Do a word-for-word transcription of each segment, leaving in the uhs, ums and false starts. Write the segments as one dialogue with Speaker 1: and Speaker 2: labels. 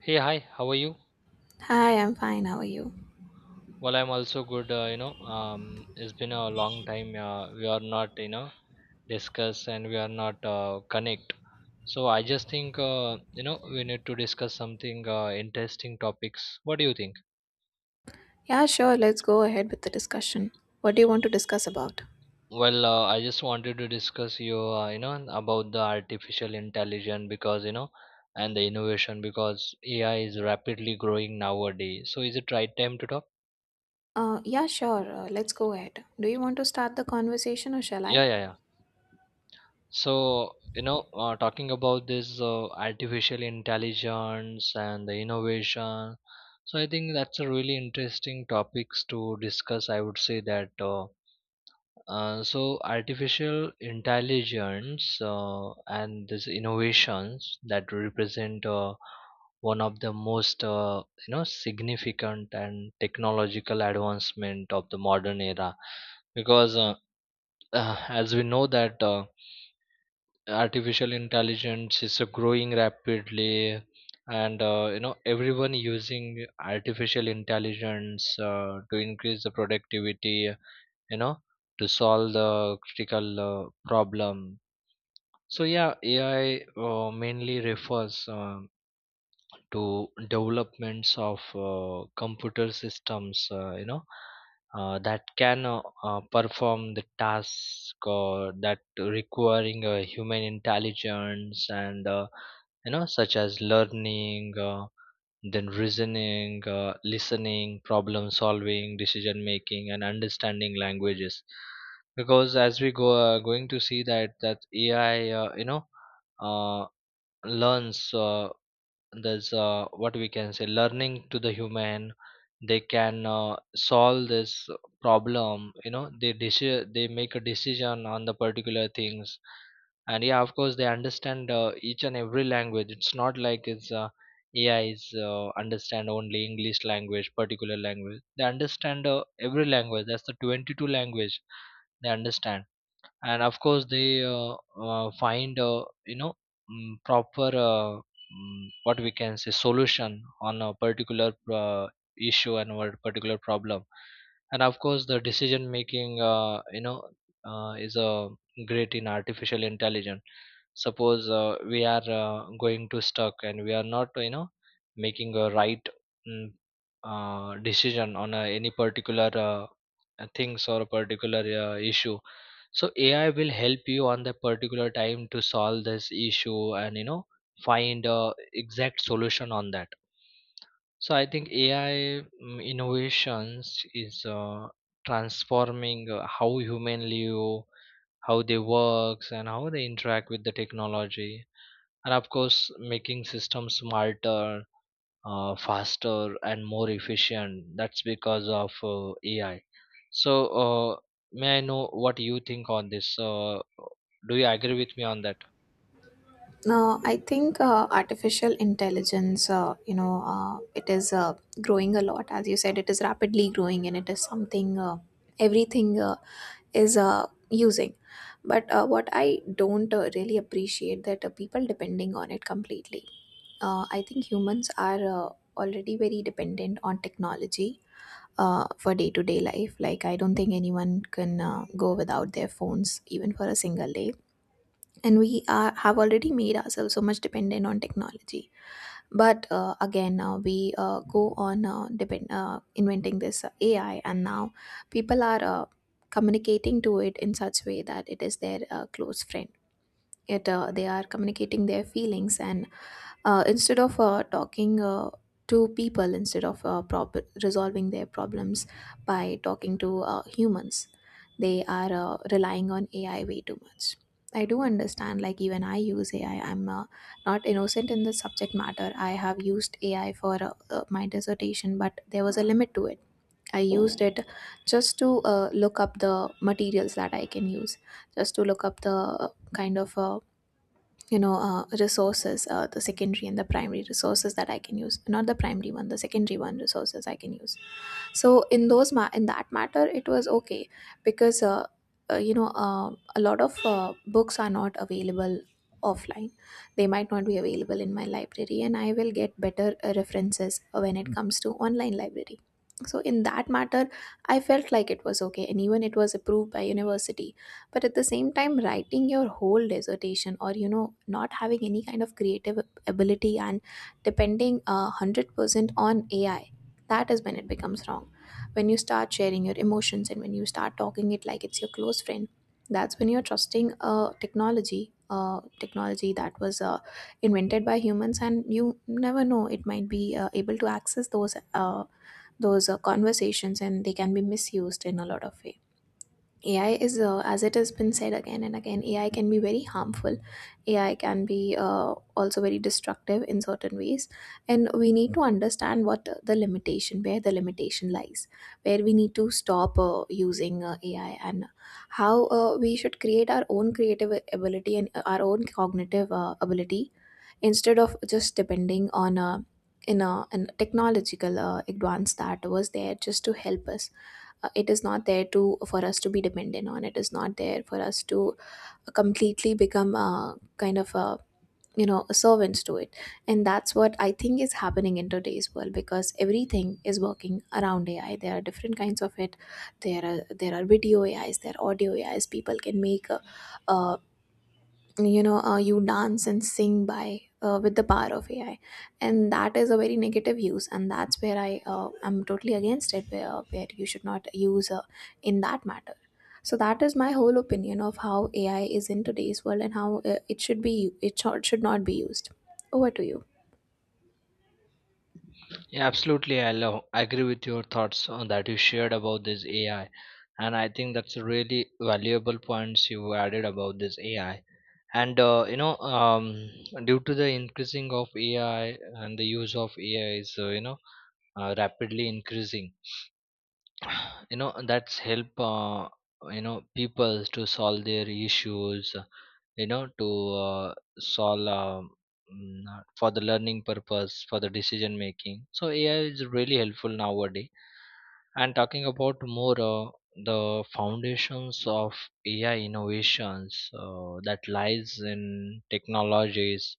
Speaker 1: Hey, hi, how are you?
Speaker 2: Hi, I'm fine. How are you?
Speaker 1: Well, I'm also good. Uh, you know, um, it's been a long time. Uh, we are not, you know, discuss and we are not uh, connect. So I just think, uh, you know, we need to discuss something uh, interesting topics. What do you think?
Speaker 2: Yeah, sure. Let's go ahead with the discussion. What do you want to discuss about?
Speaker 1: Well, uh, I just wanted to discuss you, uh, you know, about the artificial intelligence because you know, and the innovation because A I is rapidly growing nowadays. So is it right time to talk?
Speaker 2: Uh, yeah, sure. Uh, let's go ahead. Do you want to start the conversation or shall I?
Speaker 1: Yeah, yeah, yeah. So, you know, uh, talking about this uh, artificial intelligence and the innovation, so I think that's a really interesting topics to discuss. I would say that uh, uh, so artificial intelligence uh, and this innovations that represent uh, one of the most uh, you know significant and technological advancement of the modern era, because uh, as we know that. Uh, Artificial intelligence is uh, growing rapidly and uh, you know everyone using artificial intelligence uh, to increase the productivity, you know, to solve the critical uh, problem. So yeah, A I uh, mainly refers um, to developments of uh, computer systems, uh, you know uh, that can uh, uh, perform the task uh, that requiring uh, human intelligence, and uh, you know such as learning, uh, then reasoning, uh, listening, problem solving, decision making, and understanding languages. Because as we go uh, going to see that that A I, uh, you know uh, learns, uh, there's uh, what we can say learning to the human. They can uh, solve this problem. You know, they deci- they make a decision on the particular things. And yeah, of course they understand uh, each and every language. It's not like it's uh, A I is uh, understand only English language, particular language. They understand uh, every language, that's the twenty-two language they understand. And of course they uh, uh, find, uh, you know mm, proper, uh, mm, what we can say solution on a particular uh, issue and what particular problem. And of course the decision making, uh, you know uh, is a great in artificial intelligence. Suppose uh, we are uh, going to stuck and we are not, you know, making a right mm, uh, decision on uh, any particular uh, uh, things or a particular uh, issue. So A I will help you on that particular time to solve this issue, and you know, find a exact solution on that. So I think A I mm, innovations is uh, transforming uh, how human live, how they works, and how they interact with the technology. And of course making systems smarter, uh, faster, and more efficient. That's because of uh, A I. So, uh, may I know what you think on this? Uh, do you agree with me on that?
Speaker 2: No, I think uh, artificial intelligence, uh, you know, uh, it is uh, growing a lot. As you said, it is rapidly growing and it is something uh, everything uh, is uh, using. But uh, what I don't uh, really appreciate that uh, people depending on it completely. uh, I think humans are uh, already very dependent on technology uh, for day to day life. Like, I don't think anyone can uh, go without their phones even for a single day. And we are, have already made ourselves so much dependent on technology. But uh, again, uh, we uh, go on uh, depend, uh, inventing this uh, A I, and now people are uh, communicating to it in such way that it is their uh, close friend. It, uh, they are communicating their feelings and uh, instead of uh, talking uh, to people, instead of uh, prop- resolving their problems by talking to uh, humans. They are uh, relying on AI way too much. I do understand, like, even I use AI. I'm uh, not innocent in the subject matter. I have used AI for uh, uh, my dissertation, but there was a limit to it. I used it just to uh, look up the materials that I can use, just to look up the uh, kind of uh, you know uh, resources, uh, the secondary and the primary resources that I can use. Not the primary one, the secondary one resources I can use. So in those ma- in that matter, it was okay, because uh, uh, you know uh, a lot of uh, books are not available offline. They might not be available in my library, and I will get better uh, references when it comes to online library. So in that matter, I felt like it was okay, and even it was approved by university. But at the same time, writing your whole dissertation or, you know, not having any kind of creative ability and depending uh, one hundred percent on AI, that is when it becomes wrong. When you start sharing your emotions and when you start talking it like it's your close friend, that's when you're trusting a technology, a technology that was uh, invented by humans, and you never know, it might be uh, able to access those uh, those uh, conversations, and they can be misused in a lot of ways. A I is, uh, as it has been said again and again, A I can be very harmful. A I can be uh, also very destructive in certain ways. And we need to understand what the limitation, where the limitation lies, where we need to stop uh, using uh, A I, and how uh, we should create our own creative ability and uh, our own cognitive uh, ability, instead of just depending on uh, in a, an technological uh, advance that was there just to help us. Uh, it is not there to, for us to be dependent on. It is not there for us to completely become a kind of a, you know, servants to it. And that's what I think is happening in today's world, because everything is working around AI. There are different kinds of it. There are, there are video AIs, there are audio AIs. People can make a, a you know, uh, you dance and sing by uh, with the power of AI, and that is a very negative use. And that's where I uh, am totally against it, where, uh, where you should not use uh, in that matter. So that is my whole opinion of how AI is in today's world, and how uh, it should be, it should should not be used. Over to you.
Speaker 1: Yeah, absolutely. I love, I agree with your thoughts on that you shared about this A I, and I think that's a really valuable points you added about this A I. And uh, you know, um, due to the increasing of A I and the use of A I is uh, you know uh, rapidly increasing. You know that's help uh, you know people to solve their issues, you know, to uh, solve um, mm, uh, for the learning purpose, for the decision making. So AI is really helpful nowadays. And talking about more, uh, the foundations of A I innovations uh, that lies in technologies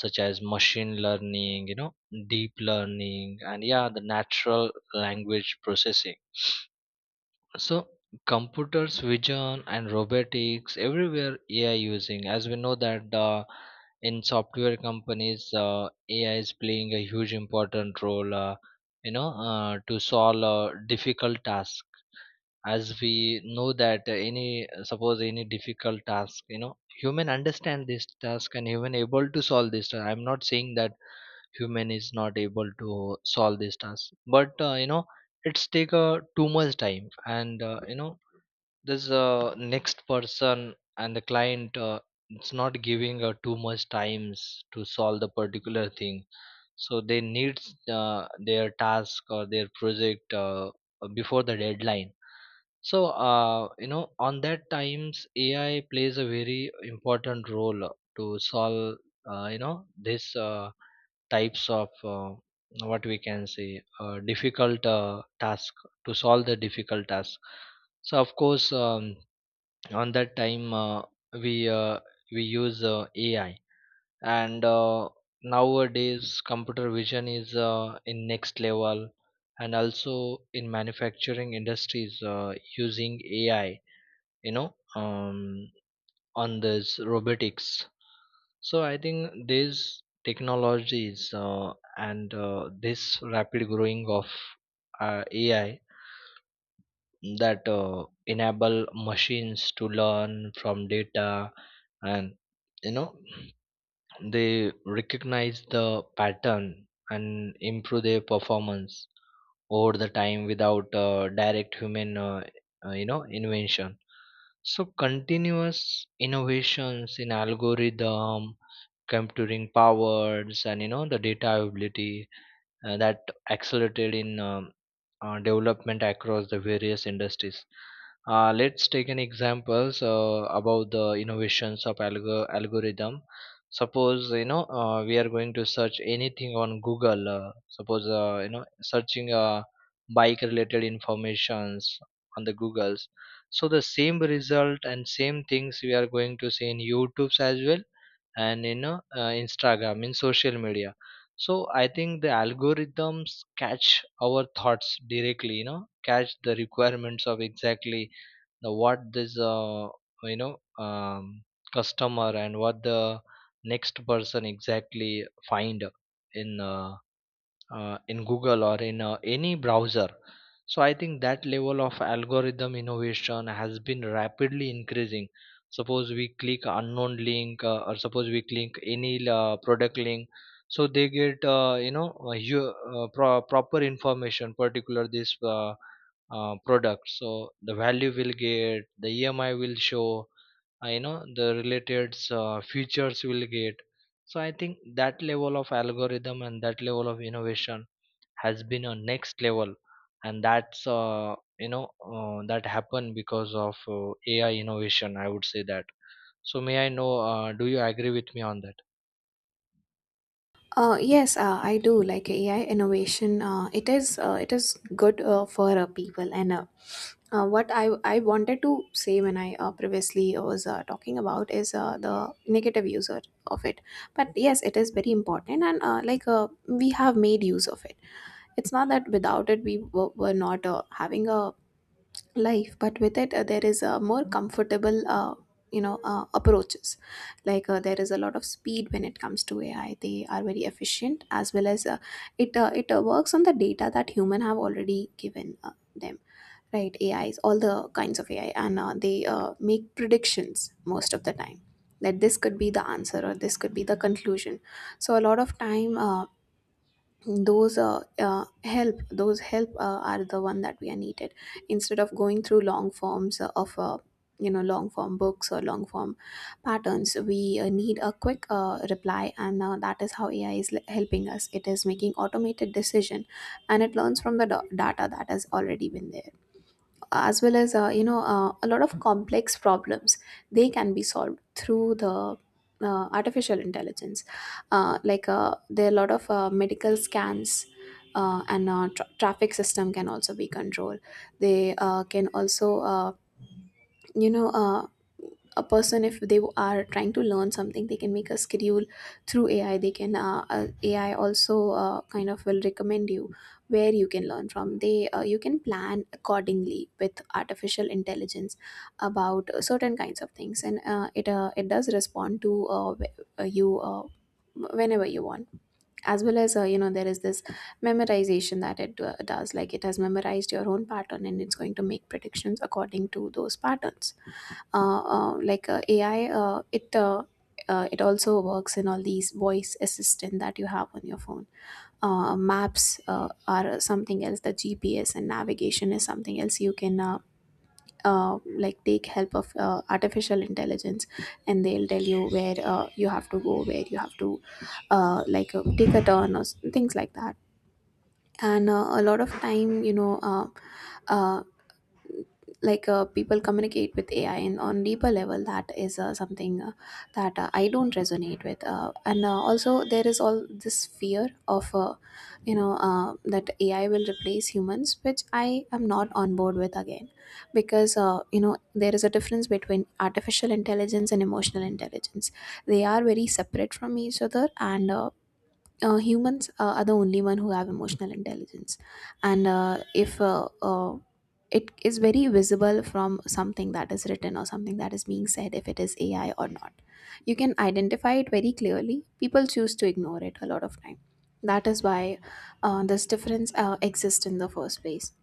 Speaker 1: such as machine learning, you know, deep learning, and yeah, the natural language processing. So computers, vision, and robotics, everywhere A I using. As we know that uh, in software companies, uh, A I is playing a huge important role. Uh, you know, uh, to solve uh, difficult task. As we know that uh, any, suppose any difficult task, you know, human understand this task and human able to solve this task. I'm not saying that human is not able to solve this task, but uh, you know, it's take uh, too much time, and uh, you know this uh, next person and the client, uh, it's not giving uh, too much times to solve the particular thing. So they need uh, their task or their project uh, before the deadline. So uh, you know on that times A I plays a very important role uh, to solve uh, you know this uh, types of uh, what we can say uh, difficult uh, task, to solve the difficult task. So of course um, on that time uh, we uh, we use uh, A I. And uh, nowadays computer vision is uh, in next level. And also in manufacturing industries uh, using A I, you know um, on this robotics. So I think these technologies uh, and uh, this rapid growing of uh, A I, that uh, enable machines to learn from data, and you know, they recognize the pattern and improve their performance over the time without uh, direct human uh, uh, you know invention. So continuous innovations in algorithm, computing powers, and you know, the data ability, uh, that accelerated in um, uh, development across the various industries. Uh, let's take an examples uh, about the innovations of algo- algorithm. Suppose, you know, uh, we are going to search anything on Google. Uh, suppose, uh, you know searching uh, bike related informations on the Googles. So the same result and same things we are going to see in YouTube's as well, and in uh, Instagram, in social media. So I think the algorithms catch our thoughts directly, you know, catch the requirements of exactly the what this uh, you know um, customer and what the next person exactly find in uh, uh, in Google or in uh, any browser. So I think that level of algorithm innovation has been rapidly increasing. Suppose we click unknown link, uh, or suppose we click any uh, product link, so they get, uh, you know uh, you, uh, pro- proper information particular this uh, uh, product. So the value will get, the E M I will show, uh, you know the related uh, features will get. So I think that level of algorithm and that level of innovation has been a next level. And that's uh, you know uh, that happened because of uh, AI innovation, I would say that. So may I know uh, do you agree with me on that?
Speaker 2: Uh, yes, uh, I do like A I innovation. Uh, it is uh, it is good uh, for uh, people, and uh, uh, what I I wanted to say when I uh, previously was uh, talking about is uh, the negative user of it. But yes, it is very important, and uh, like uh, we have made use of it. It's not that without it we were, were not uh, having a life, but with it uh, there is a more comfortable uh, you know uh, approaches. Like, uh, there is a lot of speed when it comes to AI. They are very efficient, as well as uh, it uh, it uh, works on the data that human have already given uh, them, right? AIs, all the kinds of AI, and uh, they uh, make predictions most of the time that this could be the answer or this could be the conclusion. So a lot of time, uh, those uh, uh, help those help uh, are the one that we are needed, instead of going through long forms uh, of uh, you know long form books or long form patterns. We uh, need a quick uh, reply, and uh, that is how AI is l- helping us. It is making automated decision, and it learns from the da- data that has already been there, as well as, uh, you know uh, a lot of complex problems, they can be solved through the uh, artificial intelligence. Uh, like, uh, there are a lot of uh, medical scans uh, and uh, tra- traffic system can also be controlled. They uh, can also, uh, you know uh, a person, if they are trying to learn something, they can make a schedule through AI. They can, uh, uh, AI also uh, kind of will recommend you where you can learn from. They uh, You can plan accordingly with artificial intelligence about uh, certain kinds of things, and uh, it uh, it does respond to uh, wh- uh, you uh, whenever you want. As well as, uh, you know, there is this memorization that it uh, does. Like, it has memorized your own pattern, and it's going to make predictions according to those patterns. Uh, uh, like, uh, A I, uh, it uh, uh, it also works in all these voice assistant that you have on your phone. Uh, maps uh, are something else. The G P S and navigation is something else. You can, uh, uh, like, take help of uh, artificial intelligence, and they'll tell you where uh, you have to go, where you have to, uh, like uh, take a turn or s- things like that. And uh, a lot of time, you know. Uh, uh, like uh, People communicate with A I and on deeper level. That is uh, something uh, that uh, I don't resonate with, uh, and uh, also there is all this fear of, uh, you know uh, that A I will replace humans, which I am not on board with again, because uh, you know, there is a difference between artificial intelligence and emotional intelligence. They are very separate from each other, and uh, uh, humans uh, are the only one who have emotional intelligence. And uh, if uh, uh, it is very visible from something that is written or something that is being said, if it is AI or not. You can identify it very clearly. People choose to ignore it a lot of time. That is why uh, this difference uh, exists in the first place.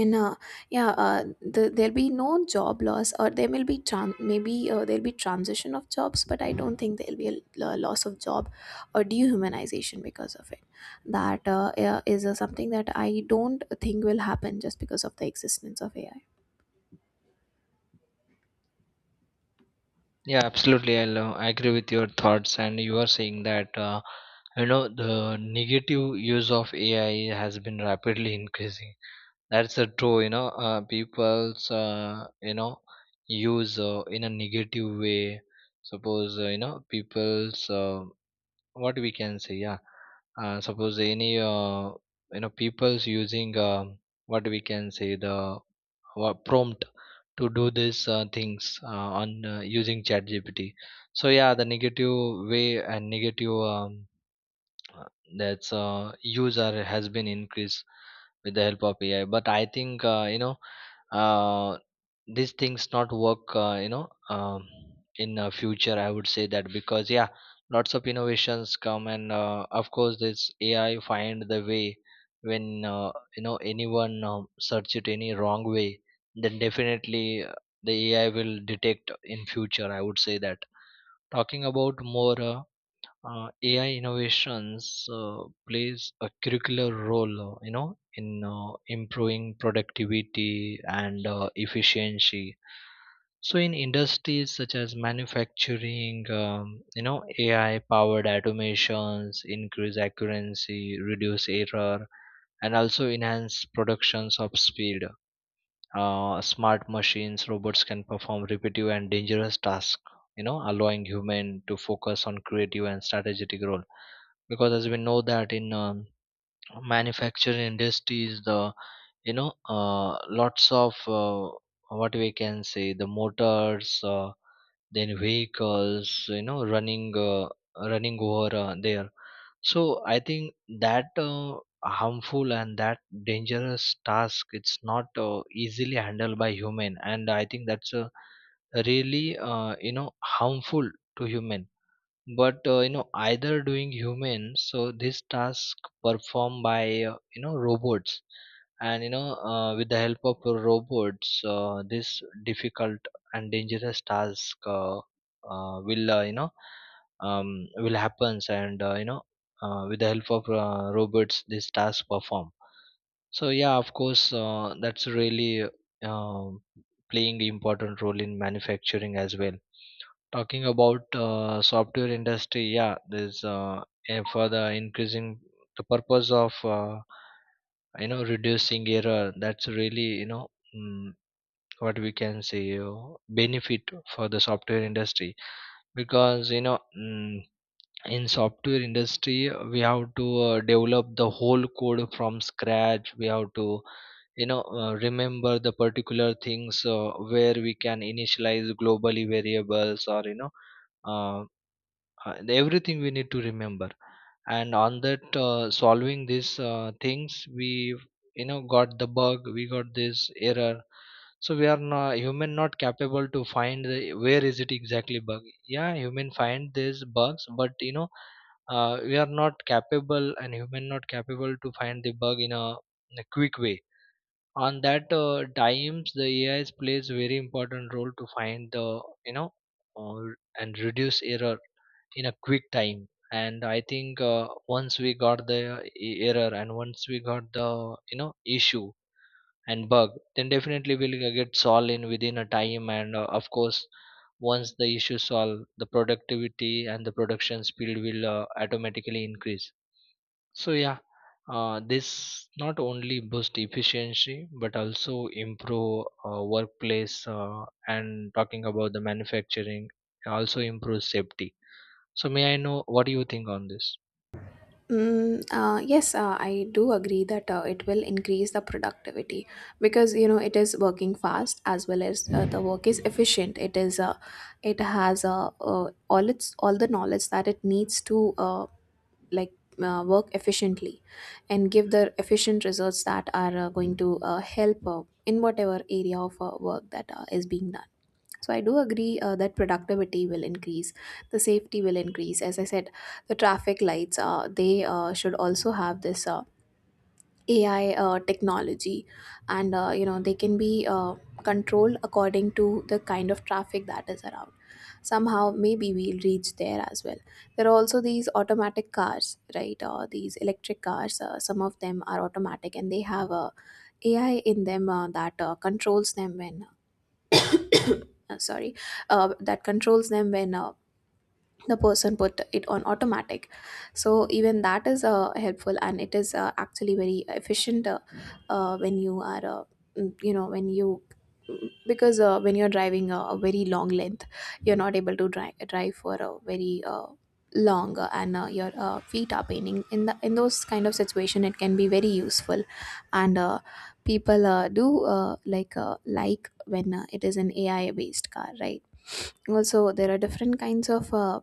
Speaker 2: And uh, yeah, uh, the, there'll be no job loss, or there will be tran- maybe uh, there'll be transition of jobs, but I don't think there'll be a, l- uh, loss of job or dehumanization because of it. That uh, yeah, is uh, something that I don't think will happen just because of the existence of AI.
Speaker 1: Yeah, absolutely. i lo- I agree with your thoughts, and you are saying that uh, you know the negative use of A I has been rapidly increasing. That's a true. You know, uh, people's, uh, you know use uh, in a negative way. Suppose, uh, you know people's, uh, what we can say, yeah, uh, suppose any, uh, you know people's using, uh, what we can say, the what prompt to do these uh, things uh, on uh, using chat G P T. So yeah, the negative way and negative, um, that's uh, user has been increased with the help of A I. But I think uh, you know uh, these things not work. Uh, you know um, in uh, future, I would say that, because yeah, lots of innovations come, and uh, of course this A I find the way when uh, you know anyone um, search it any wrong way, then definitely uh, the A I will detect in future, I would say that. Talking about more. Uh, uh, A I innovations uh, plays a curricular role, uh, you know, in uh, improving productivity and uh, efficiency. So, in industries such as manufacturing, um, you know, A I-powered automations increase accuracy, reduce error, and also enhance productions of speed. Uh, smart machines, robots can perform repetitive and dangerous tasks, you know, allowing human to focus on creative and strategic role. Because as we know that in um, manufacturing industries the, you know uh, lots of uh, what we can say the motors, uh, then vehicles, you know, running uh, running over uh, there. So I think that uh, harmful and that dangerous task, it's not uh, easily handled by human, and I think that's a really uh, you know harmful to human. But uh, you know either doing human, so this task performed by, uh, you know robots. And you know, uh, with the help of robots, uh, this difficult and dangerous task, uh, uh, will uh, you know um, will happens. And uh, you know uh, with the help of uh, robots, this task perform. So yeah, of course, uh, that's really um playing important role in manufacturing as well. Talking about uh, software industry, yeah, there's uh, and for the increasing the purpose of uh, you know reducing error. That's really, you know mm, what we can say uh, benefit for the software industry because you know mm, in software industry we have to uh, develop the whole code from scratch. We have to you know uh, remember the particular things uh, where we can initialize globally variables or you know uh, uh, everything we need to remember. And on that uh, solving these uh, things we, you know got the bug, we got this error. So we are not human, not capable to find the, where is it exactly bug. Yeah, human find these bugs, but you know uh, we are not capable, and human not capable to find the bug in a, in a quick way. On that uh, times the ai plays very important role to find the, you know uh, and reduce error in a quick time. And I think uh, once we got the uh, e- error, and once we got the, you know issue and bug, then definitely we'll g- get solved in within a time. And uh, of course, once the issue solved, the productivity and the production speed will uh, automatically increase. So yeah, uh, this not only boost efficiency but also improve uh, workplace uh, and talking about the manufacturing, also improves safety. So may I know what do you think on this?
Speaker 2: Mm, uh, yes, uh, I do agree that uh, it will increase the productivity, because you know it is working fast, as well as uh, the work is efficient. It is uh, it has uh, uh, all its, all the knowledge that it needs to, uh, like uh, work efficiently and give the efficient results that are uh, going to uh, help uh, in whatever area of uh, work that uh, is being done. So I do agree uh, that productivity will increase, the safety will increase. As I said, the traffic lights, uh, they uh, should also have this uh, A I uh, technology, and uh, you know they can be uh, controlled according to the kind of traffic that is around. Somehow, maybe we'll reach there as well. There are also these automatic cars, right? Uh, these electric cars. Uh, some of them are automatic, and they have uh, a AI in them uh, that uh, controls them when uh, sorry uh, that controls them when uh, the person put it on automatic. So even that is uh, helpful, and it is uh, actually very efficient uh, uh, when you are uh, mm, you know when you because uh, when you're driving a, a very long length, you're not able to drive drive for a very uh, long uh, and uh, your uh, feet are paining in the in those kind of situation, it can be very useful. And uh, people uh, do uh, like uh, like when uh, it is an AI based car, right? Also there are different kinds of uh,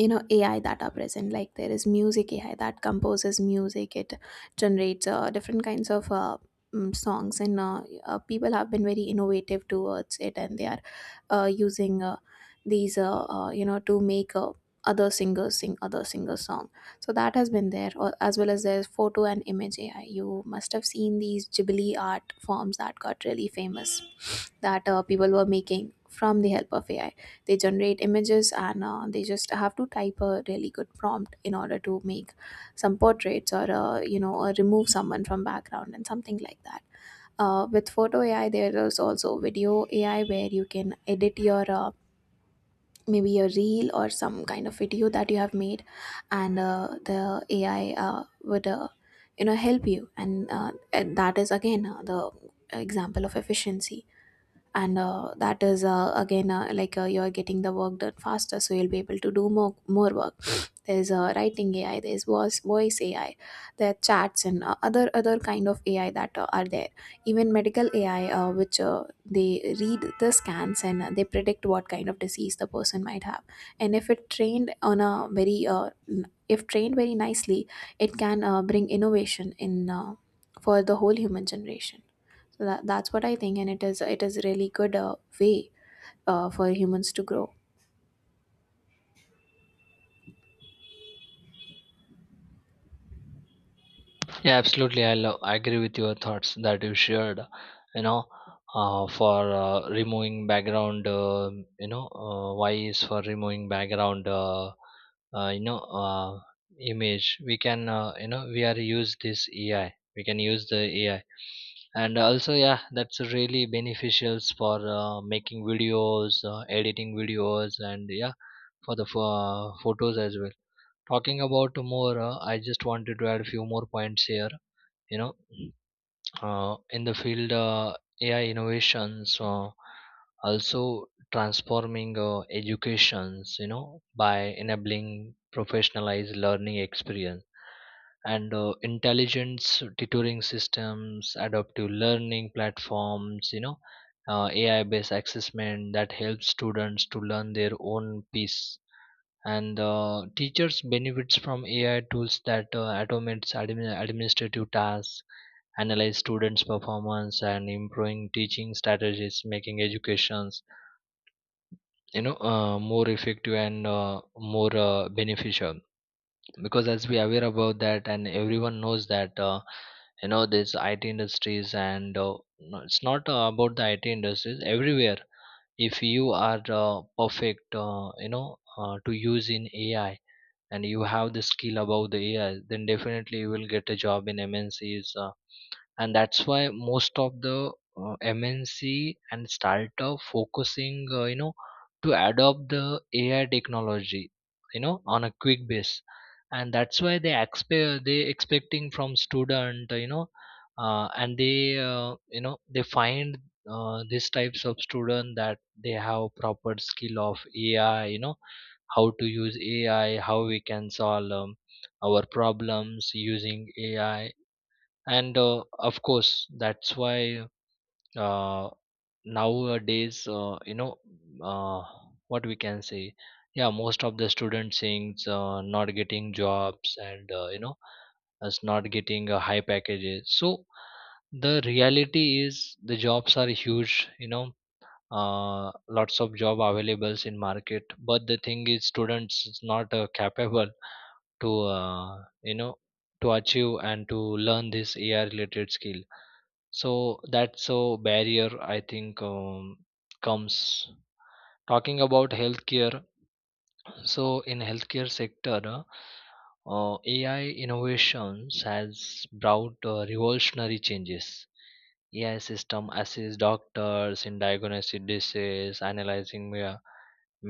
Speaker 2: you know AI that are present. Like there is music AI that composes music. It generates uh, different kinds of uh, mm, songs, and uh, uh, people have been very innovative towards it, and they are uh, using uh, these uh, uh, you know to make uh, other singers sing other singers song. So that has been there, or, as well as there's photo and image AI. You must have seen these Ghibli art forms that got really famous, that uh, people were making from the help of A I. They generate images, and uh, they just have to type a really good prompt in order to make some portraits, or uh, you know or remove someone from background and something like that. Uh, with photo A I, there is also video A I where you can edit your uh, maybe a reel or some kind of video that you have made, and uh, the A I uh, would uh, you know help you, and, uh, and that is again uh, the example of efficiency. And uh, that is uh, again uh, like uh, you're getting the work done faster, so you'll be able to do more more work. There's uh, writing AI, there's voice voice AI, there are chats and uh, other other kind of AI that uh, are there. Even medical AI uh, which uh, they read the scans, and uh, they predict what kind of disease the person might have. And if it trained on a very uh, n- if trained very nicely, it can uh, bring innovation in uh, for the whole human generation. So that, that's what I think, and it is it is really good uh, way uh, for humans to grow.
Speaker 1: Yeah, absolutely. I love, I agree with your thoughts that you shared. You know, uh, for uh, removing background, uh, you know, uh, why is for removing background, uh, uh, you know, uh, image. We can, uh, you know, we are use this A I. We can use the A I, and also, yeah, that's really beneficial for uh, making videos, uh, editing videos, and yeah, for the pho- photos as well. Talking about more, uh, I just wanted to add a few more points here, you know uh, in the field uh, ai innovations uh, also transforming uh, educations, you know, by enabling professionalized learning experience and uh, intelligence tutoring systems, adaptive learning platforms, you know uh, ai based assessment that helps students to learn their own pace. And uh, teachers benefits from ai tools that uh, automates admin- administrative tasks, analyze students performance and improving teaching strategies, making educations, you know uh, more effective and uh, more uh, beneficial. Because as we aware about that, and everyone knows that uh, you know, this I T industries, and uh, no, it's not uh, about the I T industries, everywhere if you are uh, perfect uh, you know uh, to use in A I, and you have the skill about the A I, then definitely you will get a job in M N Cs. And that's why most of the uh, mnc and startup focusing, uh, you know to adopt the ai technology, you know, on a quick base. And that's why they expect they expecting from student, uh, you know uh, and they uh, you know, they find uh, these types of student that they have proper skill of ai. You know, how to use ai, how we can solve um, our problems using ai. And uh, of course, that's why uh, nowadays, uh, you know uh, what we can say, yeah, most of the student things uh, not getting jobs, and, uh, you know us not getting uh, high packages. So the reality is the jobs are huge, you know, uh, lots of job availables in market, but the thing is students is not uh, capable to uh, you know to achieve and to learn this ai related skill. So that's a barrier I think, um, comes. Talking about healthcare, so in healthcare sector, uh, uh, ai innovations has brought uh, revolutionary changes. Ai system assists doctors in diagnosing disease, analyzing me- uh,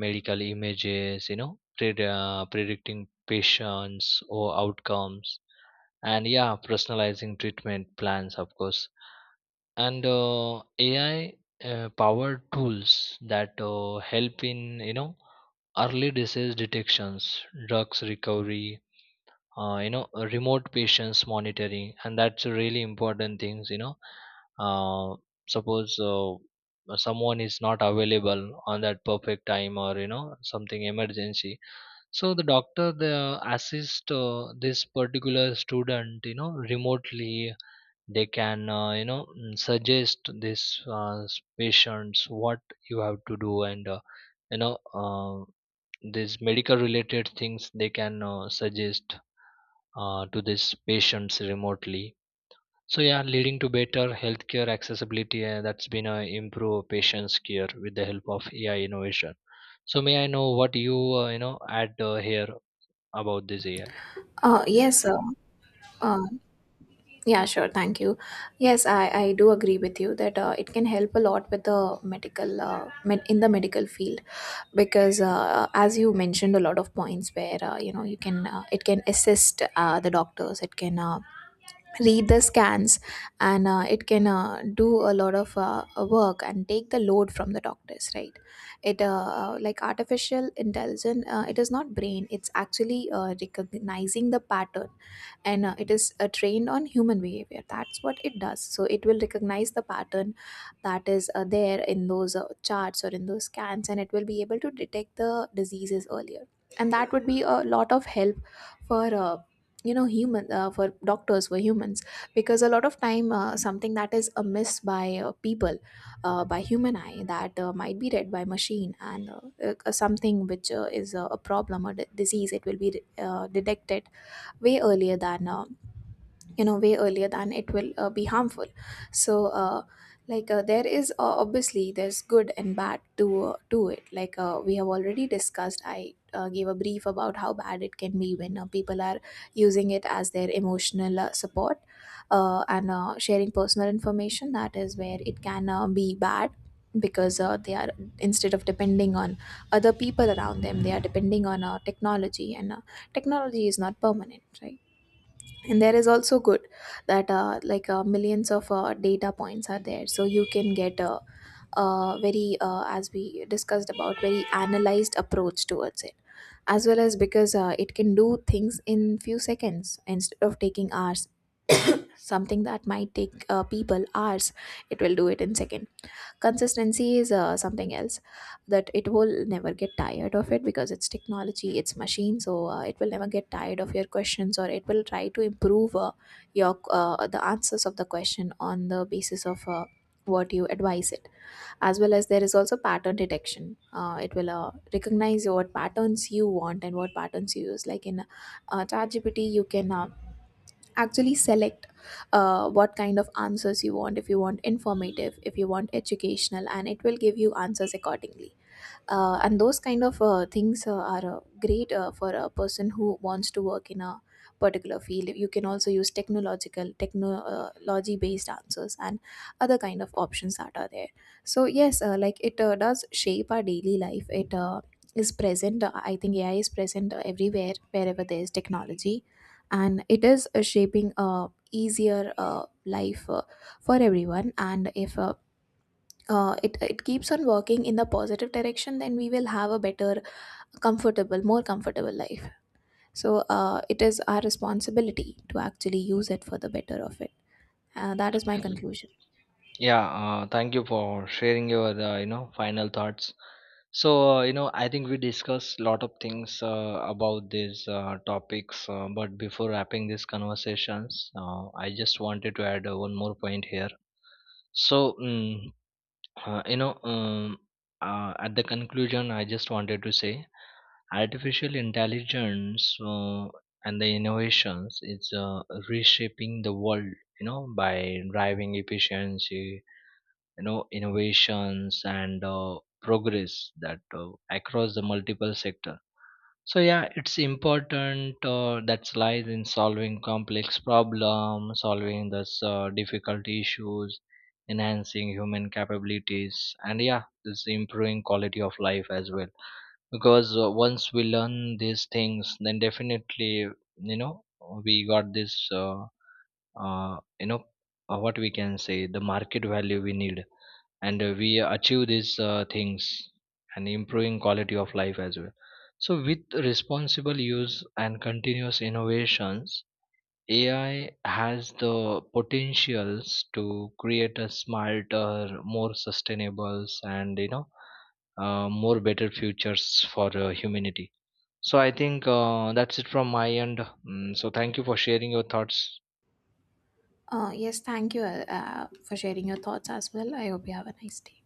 Speaker 1: medical images, you know, pred- uh, predicting patients or outcomes, and yeah, personalizing treatment plans, of course. And uh, ai uh, powered tools that uh, help in, you know, early disease detections, drugs recovery, uh, you know, remote patients monitoring. And that's a really important things, you know, uh, suppose uh, someone is not available on that perfect time, or you know, something emergency. So the doctor the assist uh, this particular student, you know, remotely, they can uh, you know mm, suggest this uh, s- patients what you have to do. And uh, you know uh, these medical related things they can uh, suggest uh, to these patients remotely. So yeah, leading to better healthcare accessibility, uh, that's been uh, improve patients care with the help of ai innovation. So may I know what you uh, you know add uh, here about this ai.
Speaker 2: Uh, yes, uh, uh, yeah, sure, thank you. Yes, I, I do agree with you that uh, it can help a lot with the medical uh, med- in the medical field, because uh, as you mentioned a lot of points where uh, you know you can uh, it can assist uh, the doctors. It can uh, read the scans, and uh, it can uh, do a lot of uh, uh, work and take the load from the doctors, right? It uh, uh, like artificial intelligence, uh, it is not brain, it's actually uh, recognizing the pattern. And uh, it is uh, trained on human behavior, that's what it does. So it will recognize the pattern that is uh, there in those uh, charts or in those scans, and it will be able to detect the diseases earlier. And that would be a lot of help for uh, you know human, uh, for doctors, for humans. Because a lot of time uh, something that is amiss by uh, people, uh, by human eye, that uh, might be read by machine, and uh, uh, something which uh, is uh, a problem or d- disease, it will be uh, detected way earlier than uh, you know way earlier than it will uh, be harmful. So uh, like uh, there is uh, obviously there's good and bad to uh, to it. Like uh, we have already discussed, I uh, gave a brief about how bad it can be when uh, people are using it as their emotional uh, support, uh, and uh, sharing personal information. That is where it can uh, be bad, because uh, they are, instead of depending on other people around them, they are depending on uh, technology, and uh, technology is not permanent, right? And there is also good, that uh, like uh, millions of uh, data points are there, so you can get a, a very uh, as we discussed about, very analyzed approach towards it. As well as, because uh, it can do things in few seconds instead of taking hours. Something that might take uh, people hours, it will do it in seconds. Consistency is uh, something else, that it will never get tired of it, because it's technology, it's machine. So uh, it will never get tired of your questions, or it will try to improve uh, your uh, the answers of the question on the basis of uh, what you advise it. As well as there is also pattern detection. Uh, it will uh, recognize what patterns you want and what patterns you use, like in uh, ChatGPT, you can uh, actually select uh, what kind of answers you want. If you want informative, if you want educational, and it will give you answers accordingly. Uh, and those kind of uh, things uh, are uh, great uh, for a person who wants to work in a particular field. You can also use technological technology based answers and other kind of options that are there. So yes, uh, like it uh, does shape our daily life. It uh, is present. Uh, I think AI is present uh, everywhere wherever there is technology, and it is uh, shaping a easier uh, life uh, for everyone. And if uh, uh, it it keeps on working in the positive direction, then we will have a better, comfortable, more comfortable life. So uh, it is our responsibility to actually use it for the better of it. Uh, that is my conclusion.
Speaker 1: Yeah, uh, thank you for sharing your uh, you know final thoughts. So uh, you know, I think we discussed a lot of things uh, about these uh, topics. Uh, but before wrapping these conversations, uh, I just wanted to add uh, one more point here. So mm, uh, you know, um, uh, at the conclusion, I just wanted to say, artificial intelligence uh, and the innovations is uh, reshaping the world. You know, by driving efficiency, you know, innovations and uh, progress that uh, across the multiple sector. So yeah, it's important uh, that lies in solving complex problems, solving this uh, difficult issues, enhancing human capabilities, and yeah, this improving quality of life as well. Because uh, once we learn these things, then definitely, you know, we got this uh, uh, you know uh, what we can say the market value we need, and uh, we achieve these uh, things, and improving quality of life as well. So with responsible use and continuous innovations, ai has the potentials to create a smarter, more sustainable, and you know, uh, more better futures for uh, humanity. So I think uh, that's it from my end. Mm, so thank you for sharing your thoughts.
Speaker 2: Uh, yes, thank you uh, uh, for sharing your thoughts as well. I hope you have a nice day.